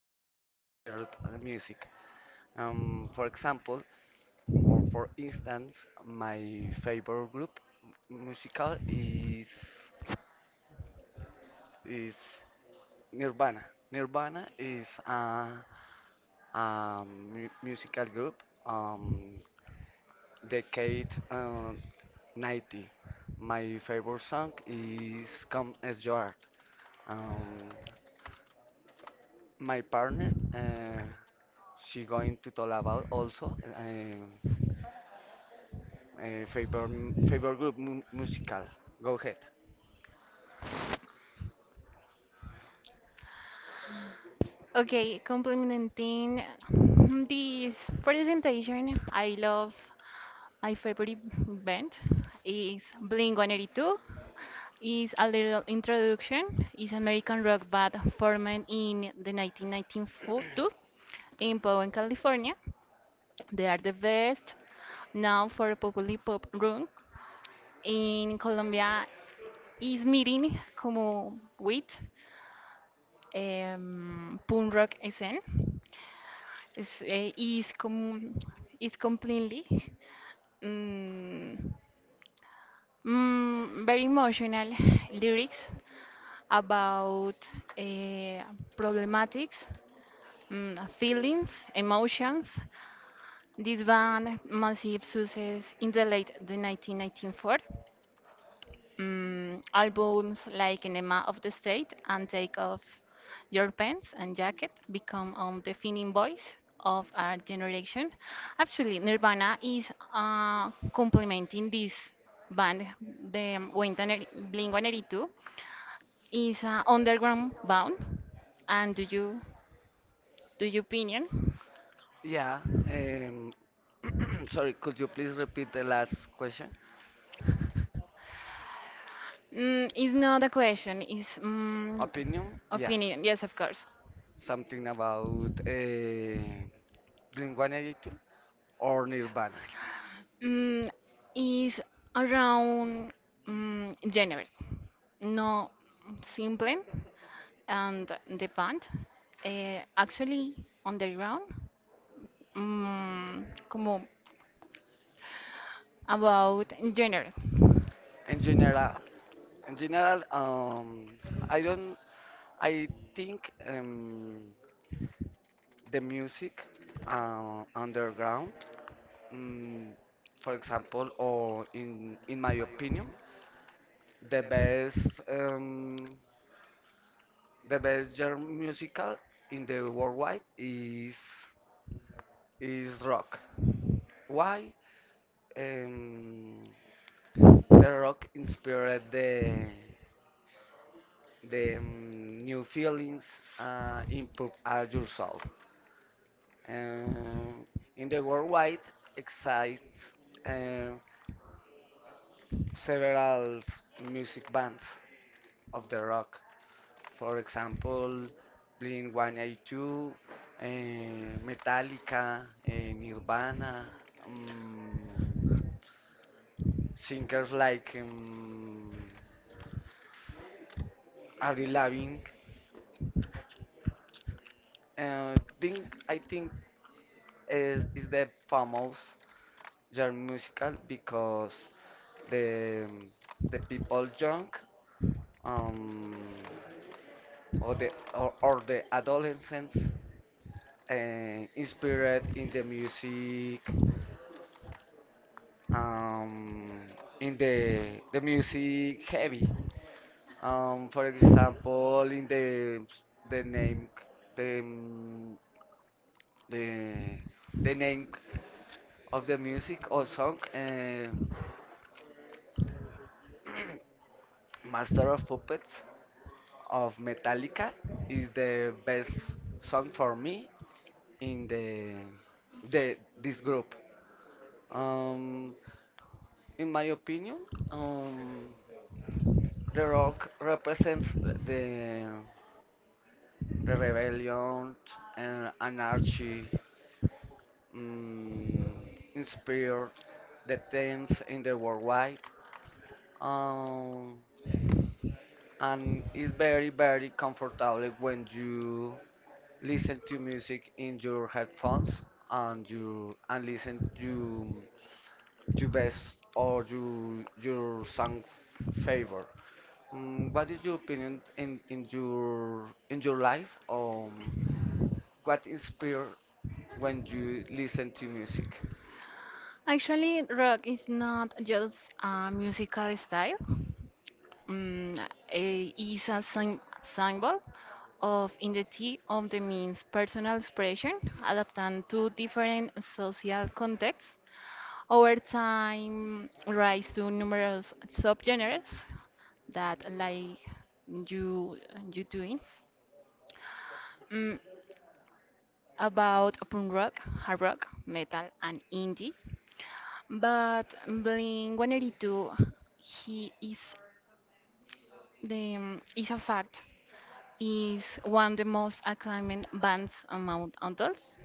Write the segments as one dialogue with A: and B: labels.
A: my favorite genre of music. For example, or for instance, my favorite group musical is Nirvana. Nirvana is a, musical group decade 90. My favorite song is Come As You Are. Um, My partner, she going to talk about also uh, favor favor group musical. Go ahead.
B: Okay, complementing this presentation, I love my favorite band is Blink-182. Is a little introduction. Is American rock band formed in the 1992 in Bowen, California. They are the best now for popular pop rock in Colombia. Is meeting como with punk rock scene. Es, eh, y es como, it's completely mm, very emotional lyrics about eh, problematics, feelings, emotions. This band massive success in the late the 1994 albums like Enema of the State and Take Off Your Pants and Jacket become defining voice of our generation. Actually, Nirvana is complementing this band, the Blink 182 is an underground band. And do you opinion?
A: Yeah. Um, Sorry, could you please repeat the last question?
B: Mm, it's not a question. It's mm,
A: Opinion? Yes.
B: opinion. Yes, of course.
A: Something about Blink-182 or Nirvana.
B: Mm, is around January. No, Simple and the band actually on the ground, mm, como about January.
A: In general, in general, I don't. I think the music underground. Mm, for example, or in my opinion, the best, um, the best German musical in the worldwide is rock. Why? Um, the rock inspired the new feelings, improve our yourself. Um, in the worldwide exists uh, several music bands of the rock. For example, Blink 182, uh, Metallica, Nirvana, um, singers like Avril Lavigne. I think is the famous genre musical because the the people young, um, or the, or the adolescents, uh, inspired in the music, um, in the music heavy. For example, in the name the mm, the the name of the music or song, Master of Puppets of Metallica is the best song for me in the this group. Um, in my opinion, um, the rock represents the rebellion, and anarchy, mm, inspired the themes in the worldwide. Um, and it's very, very comfortable when you listen to music in your headphones and you and listen to your best or your song favor. What is your opinion in your life? What inspire when you listen to music.
B: Actually, rock is not just a musical style. Mm, it's a symbol of identity of the means personal expression adapted to different social contexts. Over time, rise to numerous subgenres that like you you doing mm, about punk rock, hard rock, metal, and indie. But Blink 182, he is the is a fact is one of the most acclaimed bands among adults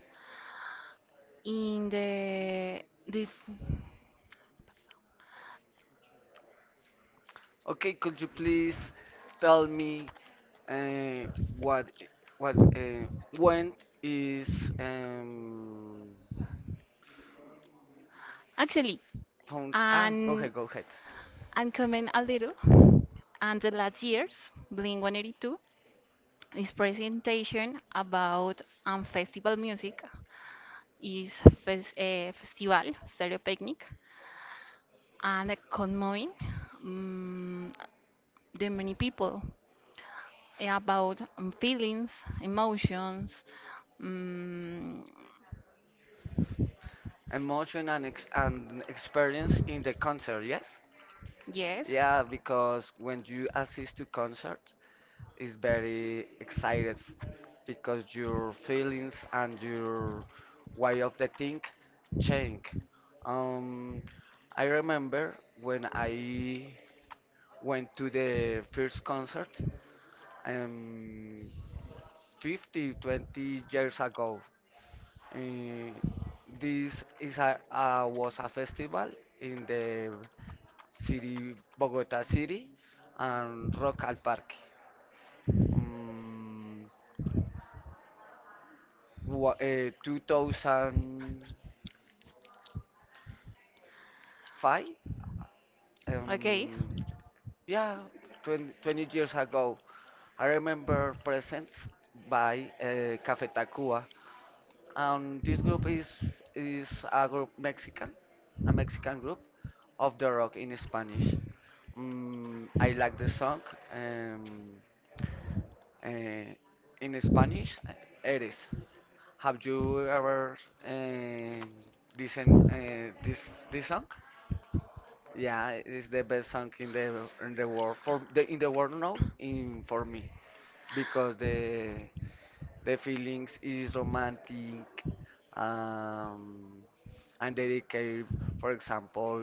B: in the
A: Okay, could you please tell me uh, what I- what when is um
B: actually
A: found? Ah, go
B: and
A: ahead, go ahead.
B: and comment a little and the last year's Blink 182 his presentation about festival music is festival stereopicnic and conveying um, the many people about feelings emotions mm,
A: Emotion and ex and experience in the concert, yes?
B: yes,
A: Yeah, because when you assist to concert, is very excited because your feelings and your way of the think change. Um, I remember when I went to the first concert, um, 50 20 years ago. Uh, this is was a festival in the city, Bogota city, and Rock al Parque. Um, 2005,
B: okay,
A: um, yeah, twenty years ago. I remember presents by Cafe Tacuba, and this group is a Mexican group of the rock in Spanish. I like the song, um, uh, in Spanish, eres. Have you ever uh, listened this song? Yeah, it's the best song in the world now in for me because the feelings is romantic, um and dedicated, for example,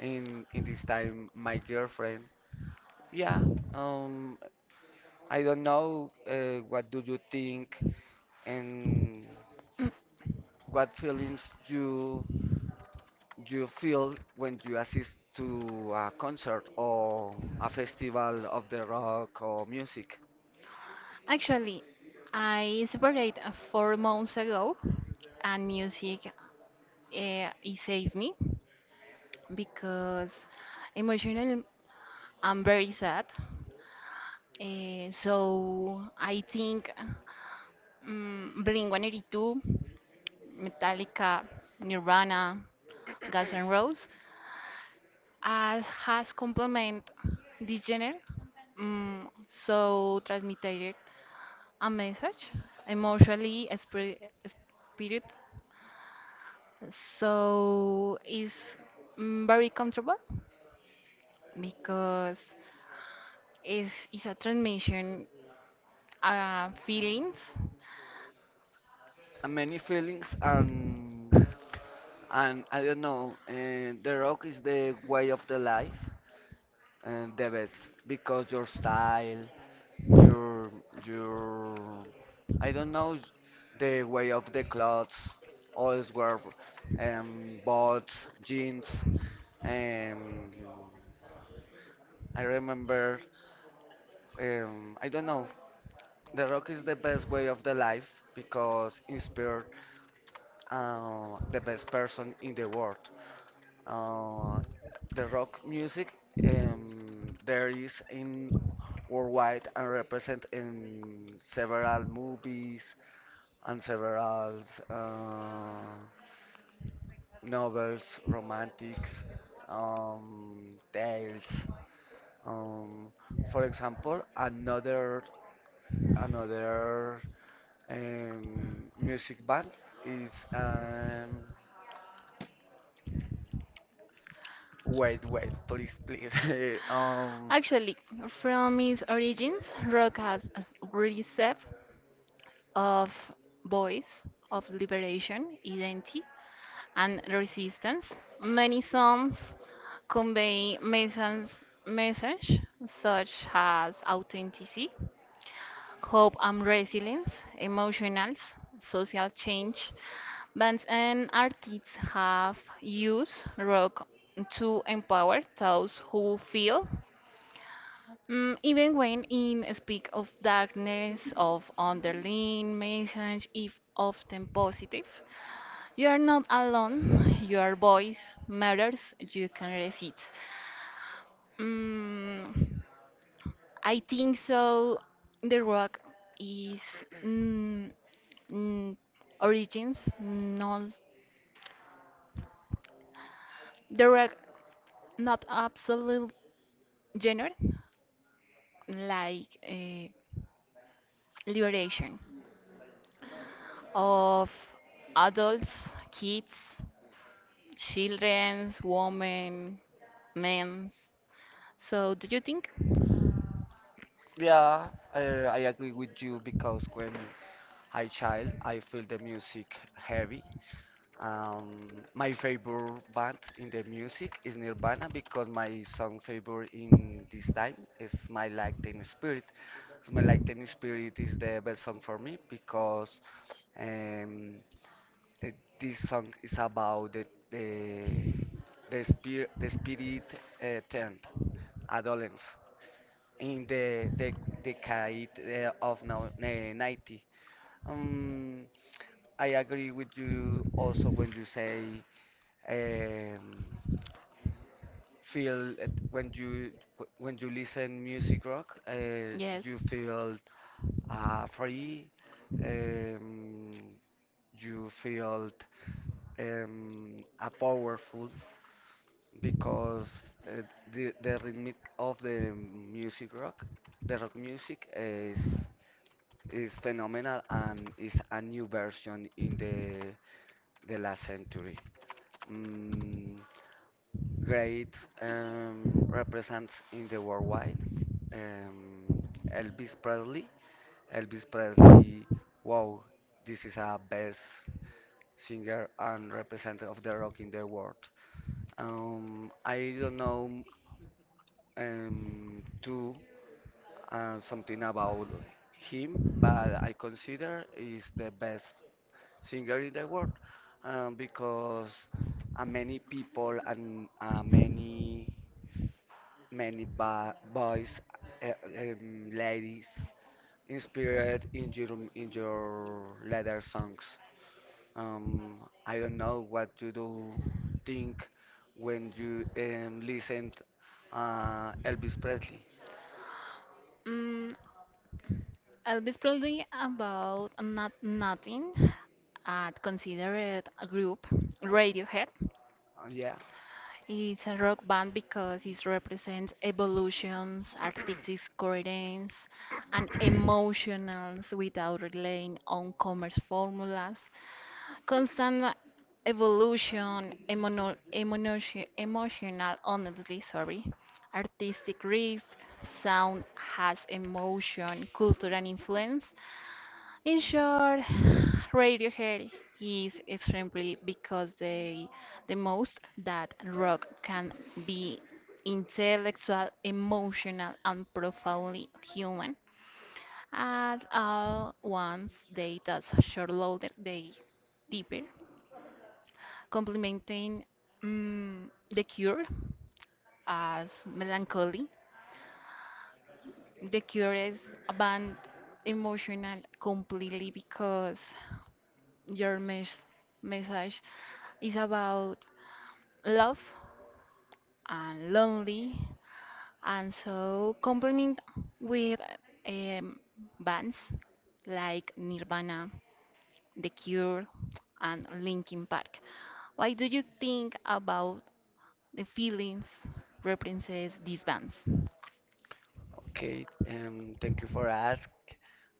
A: in this time my girlfriend. Yeah. um I don't know, what do you think and what feelings you feel when you assist to a concert or a festival of the rock or music.
B: actually I separated 4 months ago and music it saved me because emotionally I'm very sad. Eh, so I think Blink-182, Metallica, Nirvana, Guns N' Roses as has complement this genre. Mm, so transmitted a message emotionally spirit, spirit so it's very comfortable because it's a transmission feelings.
A: And many feelings, and I don't know, and the rock is the way of the life and the best because your style, your your I don't know, the way of the clothes, always wear boots, jeans, and I remember, I don't know, the rock is the best way of the life because inspired, the best person in the world. Uh, the rock music, there is in worldwide and represent in several movies and several, uh, novels, romantics, tales. Um, for example, another, music band is, wait, wait, please, please. um,
B: Actually, from its origins, rock has a reserve of voice, of liberation, identity, and resistance. Many songs convey messages, message such as authenticity, hope and resilience, emotionals, social change. Bands and artists have used rock to empower those who feel, mm, even when in speak of darkness, of underlying message, if often positive. You are not alone. Your voice matters. You can resist. Mm, I think so. The rock is mm, mm, origins, not the rock, not absolute genre, like liberation of adults, kids, childrens, women, men. So, do you think?
A: yeah, I agree with you because when I child, I feel the music heavy. My favorite band in the music is Nirvana because my song favorite in this time is My Like Teen Spirit. My Like Teen Spirit is the best song for me because. Um, Uh, this song is about the the spirit, tent adolescence in the decade, of now 90. um I agree with you also when you say, um, feel it when you, when you listen music rock,
B: Yes.
A: you feel, free, um, you feel, a powerful because, uh, the rhythm of the music rock, the rock music is phenomenal and is a new version in the last century. Mm, Great, represents in the worldwide. Um, Elvis Presley. Elvis Presley, wow, this is a best singer and representative of the rock in the world. I don't know, too, something about him, but I consider is the best singer in the world, because, many people and, many boys, ladies, inspired in your letter songs. Um, I don't know what you do think when you, listened, Elvis Presley.
B: Mm, I'll be probably about not nothing. I'd consider it a group. Radiohead.
A: Yeah,
B: It's a rock band because it represents evolutions, artistic coherence, and emotions without relying on commerce formulas. Constant evolution, emotion, emotional, honestly, sorry, artistic risk, sound has emotion, culture, and influence. In short, Radiohead is extremely because they the most that rock can be intellectual, emotional, and profoundly human. At all once, they thus short loaded they deeper, complementing The Cure as melancholy. The Cure is a band emotional completely because your message is about love and lonely and so complement with um, bands like Nirvana, The Cure and Linkin Park. Why do you think about the feelings represents these bands?
A: okay. Thank you for ask.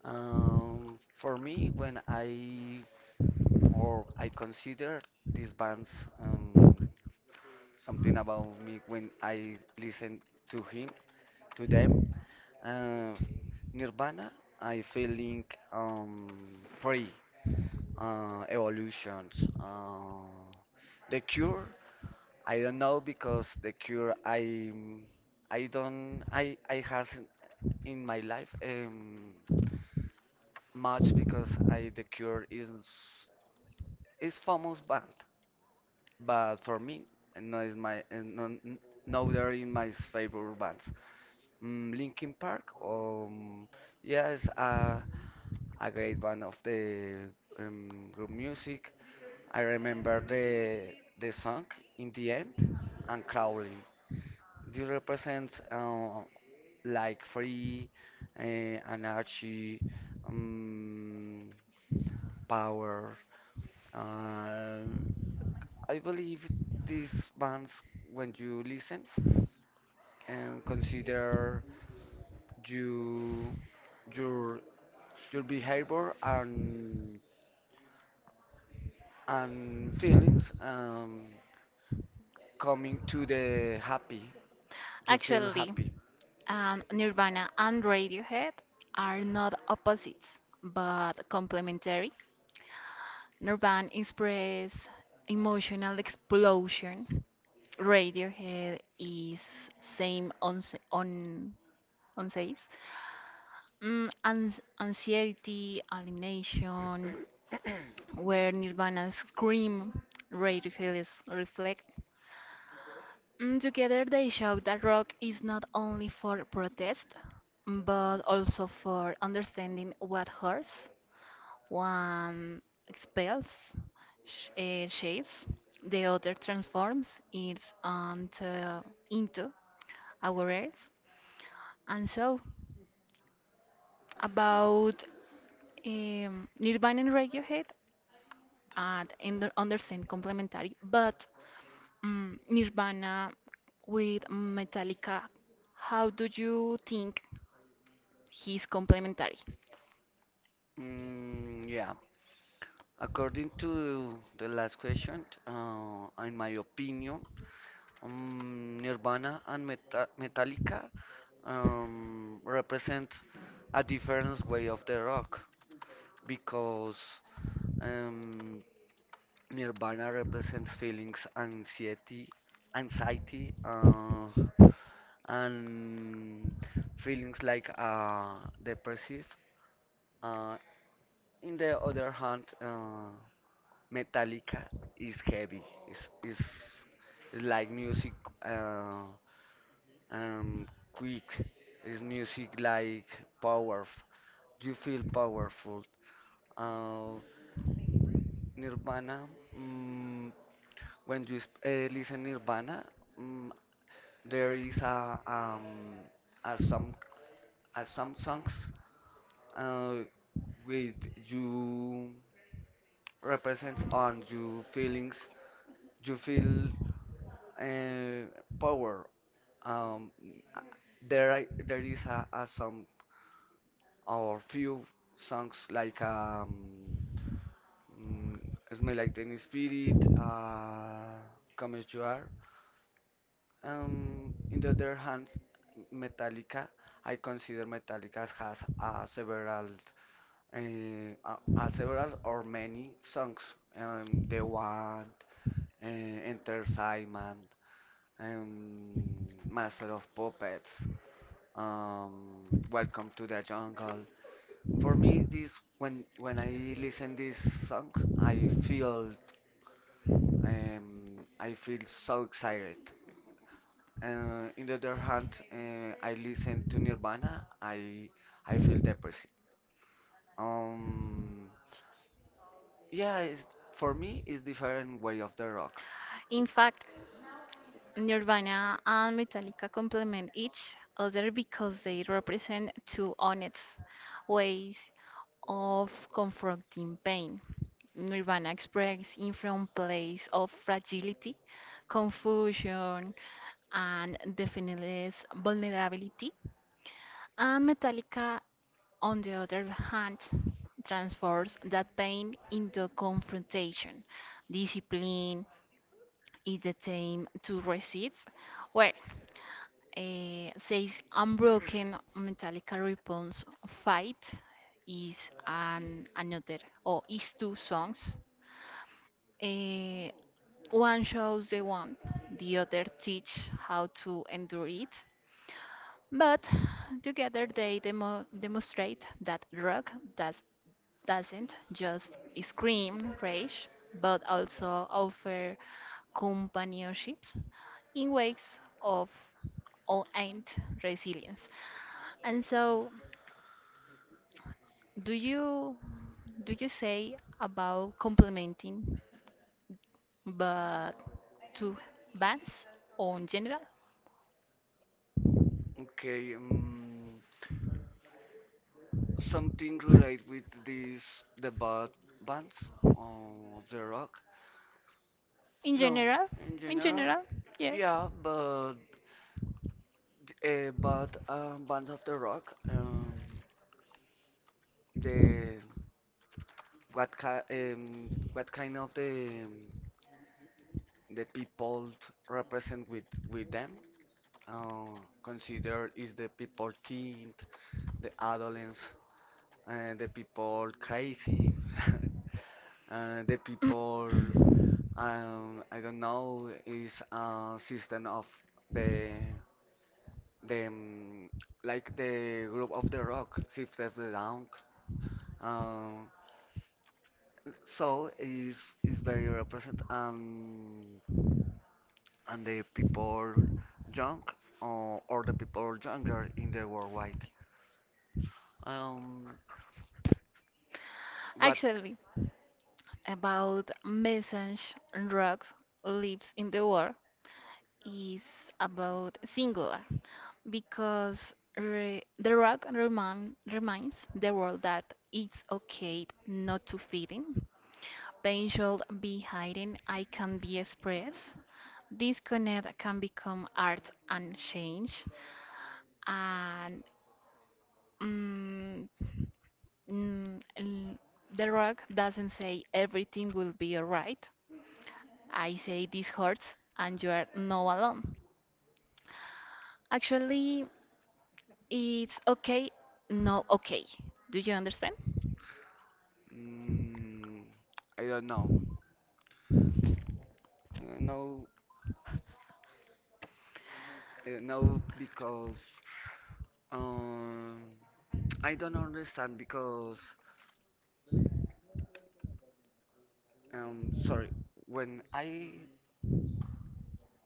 A: For me, when I consider these bands, um, something about me when I listen to him to them. Uh, Nirvana, I feeling, free, evolutions. The Cure, I don't know because the Cure, I don't I has in my life, much because I the Cure is famous band, but for me no is my is no they're in my favorite bands. Linkin Park, yes, a great band of the, group music. I remember the song in the end and crawling. This represents, like, free, uh, anarchy, um, power. Um I believe these bands, when you listen and consider you, your your behavior and feelings. Coming to the happy. You feel
B: Actually,
A: happy.
B: Nirvana and Radiohead are not opposites but complementary. Nirvana Express, Emotional Explosion, Radiohead is same on says anxiety, alienation, where Nirvana scream, Radiohead is reflect. Mm, together they show that rock is not only for protest, but also for understanding what hurts. One expels sh shapes, the other transforms it onto, into our earth. And so, about Nirvana and Radiohead, and under, understand complementary, but mm Nirvana with Metallica, how do you think he's complementary?
A: Yeah. According to the last question, in my opinion, Nirvana and Metallica, represent a different way of the rock because, um, Nirvana represents feelings, anxiety, and feelings like, depressive. Uh, In the other hand, Metallica is heavy. It's like music, uh, um, quick. It's music like powerful. You feel powerful. Uh, Nirvana, mm, when you listen Nirvana, mm, there is are some are some songs, uh, with you represents on you feelings. You feel, uh, power. Um, uh, there is a some or few songs like, mm, "Smell Like Teen Spirit," "Come As You Are." In the other hand, Metallica. I consider Metallica has, several, several or many songs. The One, Enter Sandman, Master of Puppets. um, Welcome to the Jungle. For me, this when I listen this song, I feel, I feel so excited. In the other hand, I listen to Nirvana, I feel depressed. Um, yeah, it's, for me, it's different way of the rock.
B: In fact, Nirvana and Metallica complement each other because they represent two honest ways of confronting pain. Nirvana expresses in from place of fragility, confusion, and definiteless vulnerability. And Metallica, on the other hand, transforms that pain into confrontation. Discipline is the aim to resist. Eh, says unbroken Metallica response fight is an another or is two songs. Eh, one shows the one, the other teach how to endure it. But together they demonstrate that rock doesn't just scream rage, but also offer companionships in ways of all ain't resilience. And so, do you do you say about complimenting, but to bands or in general?
A: Okay, something related with this the bad bands, uh, of the rock.
B: In
A: No,
B: general,
A: in
B: in
A: general,
B: general, yes.
A: yeah, but bands of the rock, the what ki what kind of the, the people t- represent with them, uh, consider is the people teen, the adolescents, the people crazy, the people, I don't know is a system of the the, like the group of the rock, Six Step Down. Um, so is very represent and the people young, or the people younger in the worldwide. Um, what?
B: Actually, about message drugs lives in the world is about singular because re the rock reminds the world that it's okay not to fit in. Pain should be hidden. I can be expressed. This connect can become art and change, and mm, mm, l- the rock doesn't say everything will be alright. I say this hurts, and you are not alone. Actually, it's okay, no okay. Do you understand?
A: Mm, I don't know. No, no, because, um, I don't understand because, sorry. When I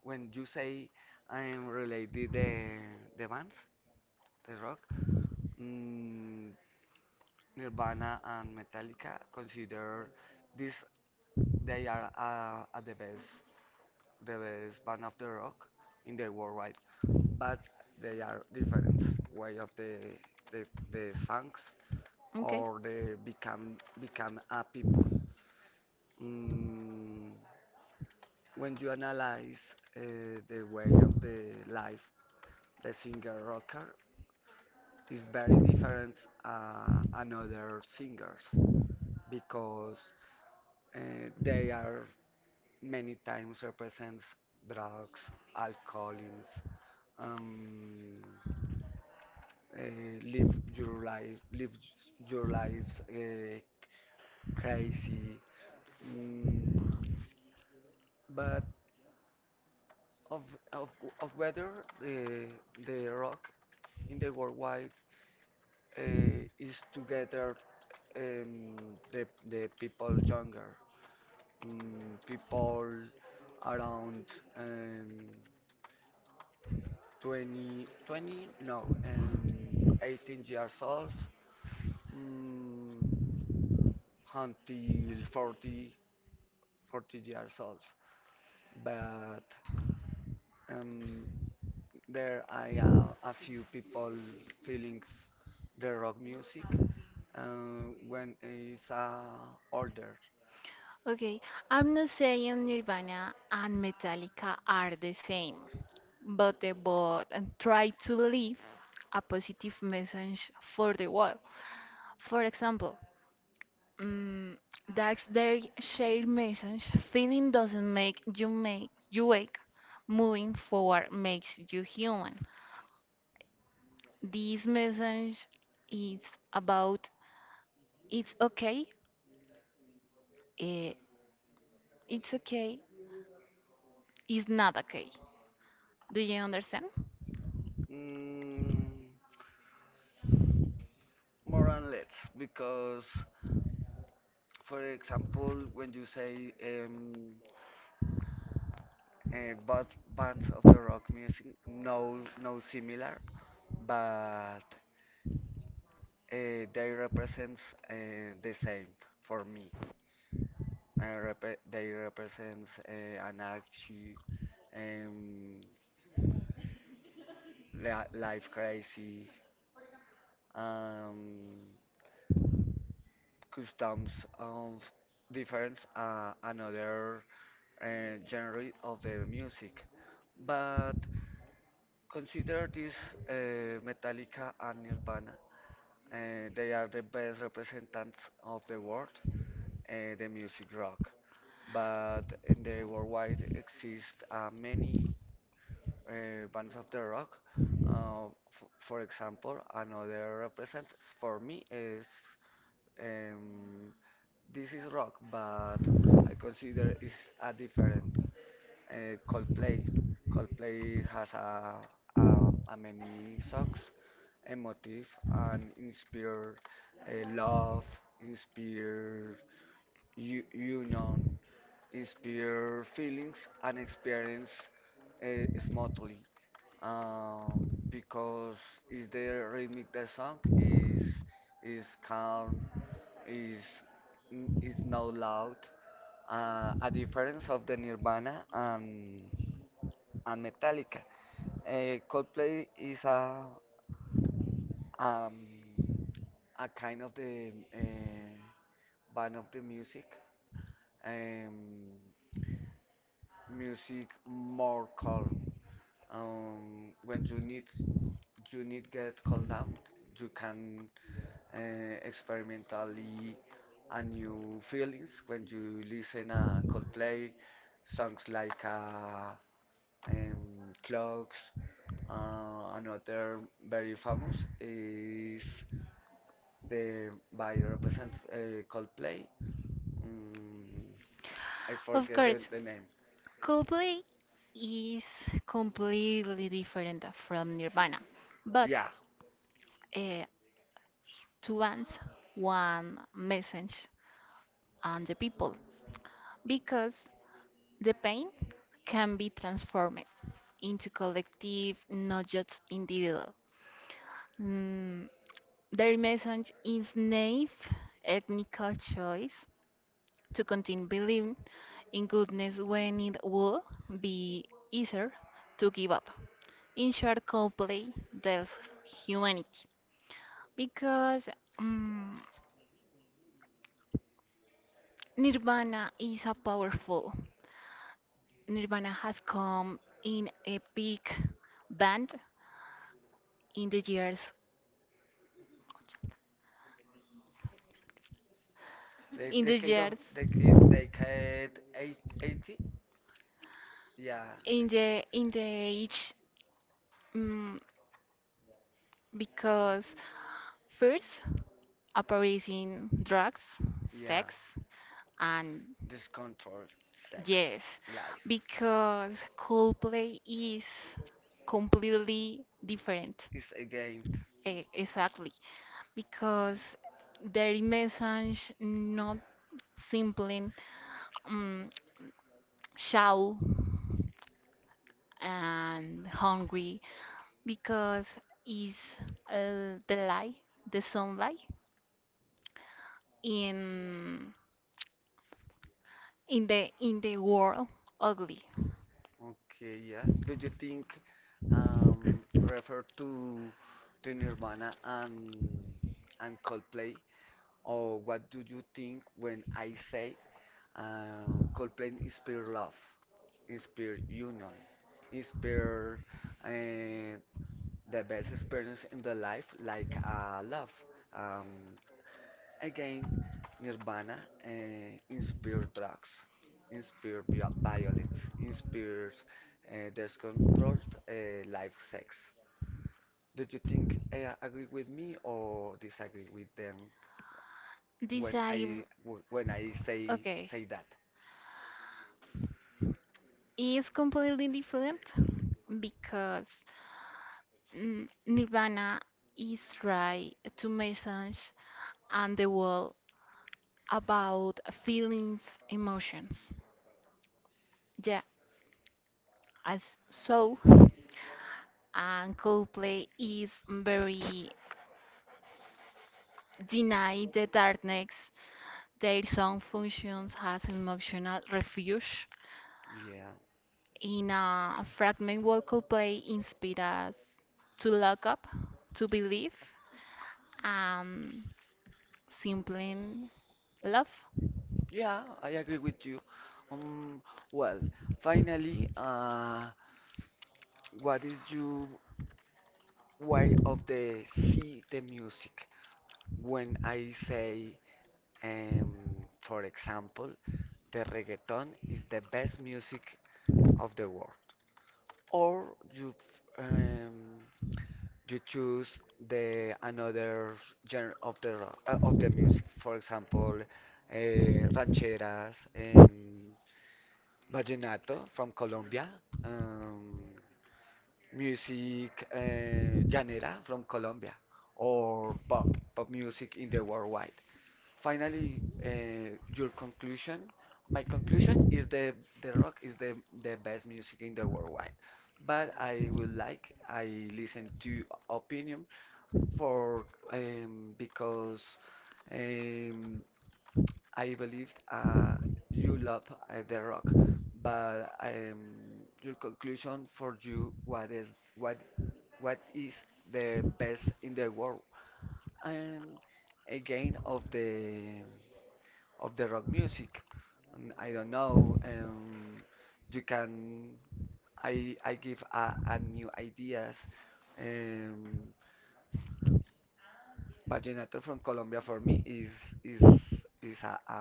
A: When you say I'm related the bands, the rock, mm, Nirvana and Metallica consider this they are, are the best, band of the rock in the worldwide. But they are different way of the, the songs
B: Okay.
A: or they become a people. Mm, when you analyze, the way of the life, the singer rocker is very different, another singers because, they are many times represents drugs, alcoholism, um, uh, live your life, live your lives, crazy. Mm, but of of of whether the the rock in the worldwide, is together, um, the people younger, people around, um, 20, 20, no, um, 18 years old, mm, until 40, years old. But, um, there I a few people feeling the rock music, when it's, older.
B: Okay, I'm not saying Nirvana and Metallica are the same, but they both try to live a positive message for the world. For example, mm that's their shared message. Feeling doesn't make you wake. Moving forward makes you human. This message is about it's okay. Eh, it's okay. It's not okay. Do you understand?
A: Mm, More and less because, for example, when you say, both bands of the rock music no similar, but, they represents, the same for me. They represents, anarchy, um, life crazy, um, customs of difference, another, genre of the music, but. Consider this, Metallica and Nirvana and they are the best representatives of the world, the music rock. But in the worldwide exist, many, bands of the rock. F For example, another representative for me is, um, this is rock, but I consider it's a different, Coldplay. Coldplay has a many songs, emotive and inspire love, inspire union, inspire feelings and experience smoothly. Because is the rhythmic the song is calm, is is not loud. A difference of the Nirvana and Metallica. Coldplay is um, a kind of the band of the music, um, music more calm. When you need get calmed down, you can experimentally a new feelings when you listen a Coldplay songs like Clocks. Another very famous is the by represent Coldplay. Mm, I
B: Of
A: forget
B: course,
A: the name.
B: Coldplay is completely different from Nirvana, but
A: Yeah,
B: uh, to students one message on the people because the pain can be transformed into collective, not just individual. Mm, their message is naive ethnical choice to continue believing in goodness when it would be easier to give up. In short, Coldplay tells humanity because mm, Nirvana is a powerful Nirvana has come in a big band in the years,
A: the
B: in the
A: decade of
B: years,
A: decade 80. Yeah,
B: in the age, mm because first appears in drugs,
A: yeah.
B: sex, and
A: Discontrol, sex,
B: yes,
A: life
B: because Coldplay is completely different.
A: is against.
B: Exactly, because their message not simply. Mm shallow and hungry because is the light, the sunlight in in the world ugly.
A: Okay, yeah. Do you think refer to Nirvana and Coldplay? Or what do you think when I say Coldplay is pure love, is pure union, is pure uh, the best experience in the life like love. Um, Again, Nirvana inspired drugs, inspired violence, inspires discontrolled life sex. Do you think agree with me or disagree with them
B: This
A: when
B: I
A: when I say
B: okay
A: say that?
B: is completely different because Nirvana is try to message and the world about feelings, emotions. Yeah, as so and Coldplay is very deny the darkness. Their song functions as emotional refuge
A: Yeah,
B: in a fragment vocal play inspires us to look up to believe and simply love.
A: yeah, I agree with you. Um, well, finally, what is your way of the see the music? When I say for example, the reggaeton is the best music of the world. Or you um, you choose the another genre of the rock, of the music. For example, rancheras, vallenato from Colombia, um, music llanera from Colombia, or pop music in the worldwide. Finally, your conclusion. My conclusion is the rock is the best music in the worldwide. But I would like I listen to opinion for because um, I believe you love the rock. But your conclusion for you what is the best in the world? And again of the rock music. And I don't know. You can I give a new ideas. Um, Vallenato from Colombia for me is is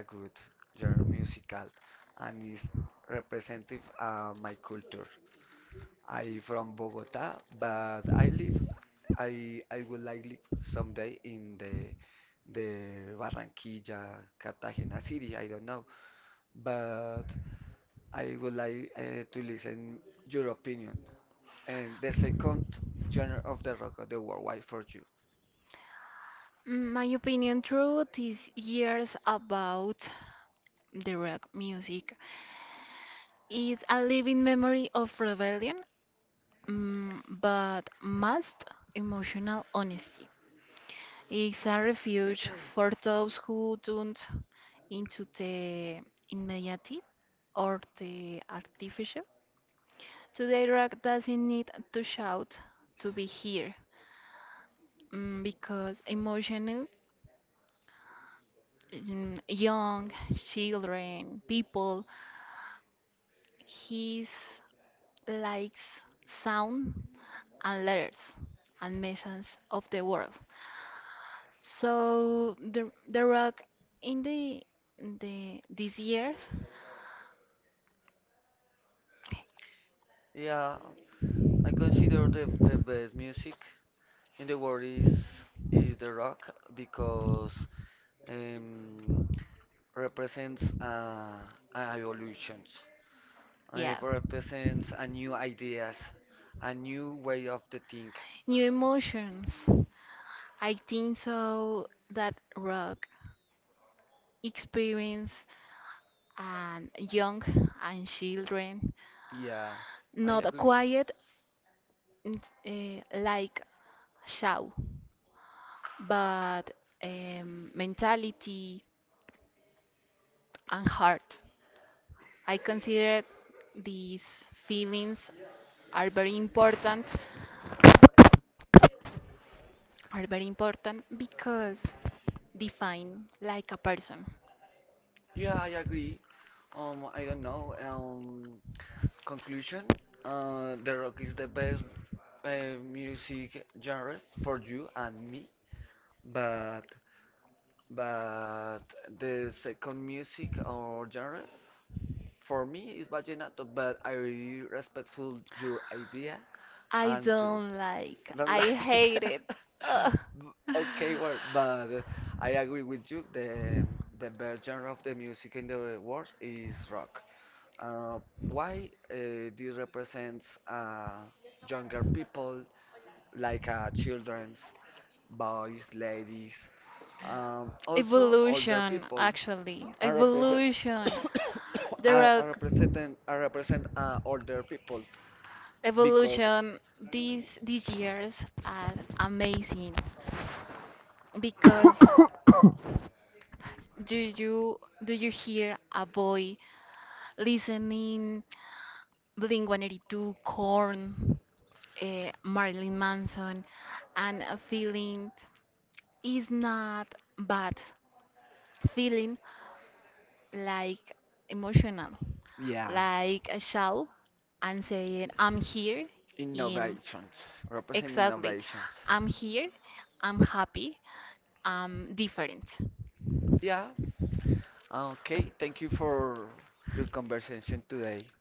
A: a good genre musical and is representative of my culture. I from Bogota, but I live I would like live someday in the Barranquilla, Cartagena city, I don't know. But I would like to listen your opinion and the second genre of the rock of the world. Why for you?
B: Mm, my opinion through these years about the rock music is a living memory of rebellion but most emotional honesty. It's a refuge for those who don't into the immediate or the artificial. Today, rock doesn't need to shout to be here because emotional, mm, young children, people, he likes sound and letters and messages of the world. So the rock in the these years.
A: Yeah, I consider the best music in the world is the rock because um, represents an evolution. It
B: Yeah.
A: represents a new ideas, a new way of the think.
B: New emotions. I think so that rock experience and young and children,
A: Yeah, I
B: not a
A: agree.
B: quiet uh, like shout, but mentality and heart. I consider these feelings are very important, are very important because define like a person.
A: Yeah, I agree. I don't know. Conclusion, the rock is the best music genre for you and me, but but the second music or genre for me is vallenato, but I really respectful your idea
B: I
A: and your
B: don't like.
A: don't
B: I
A: like
B: hate like. It. Ugh.
A: B- okay well but I agree with you the best genre of the music in the world is rock. Uh, why this represents younger people, like children's, boys, ladies, also older
B: Evolution,
A: people.
B: actually.
A: I represent,
B: Evolution. There there are
A: I represent older people
B: because
A: because,
B: evolution. Mm, these years are amazing because do you do you hear a boy listening Blink-182, Korn, Marilyn Manson, and feeling. It's not bad feeling like emotional,
A: yeah,
B: like a shout and saying, I'm here in
A: innovations, represent
B: exactly,
A: innovations.
B: I'm here, I'm happy, I'm different.
A: Yeah, okay, thank you for your conversation today.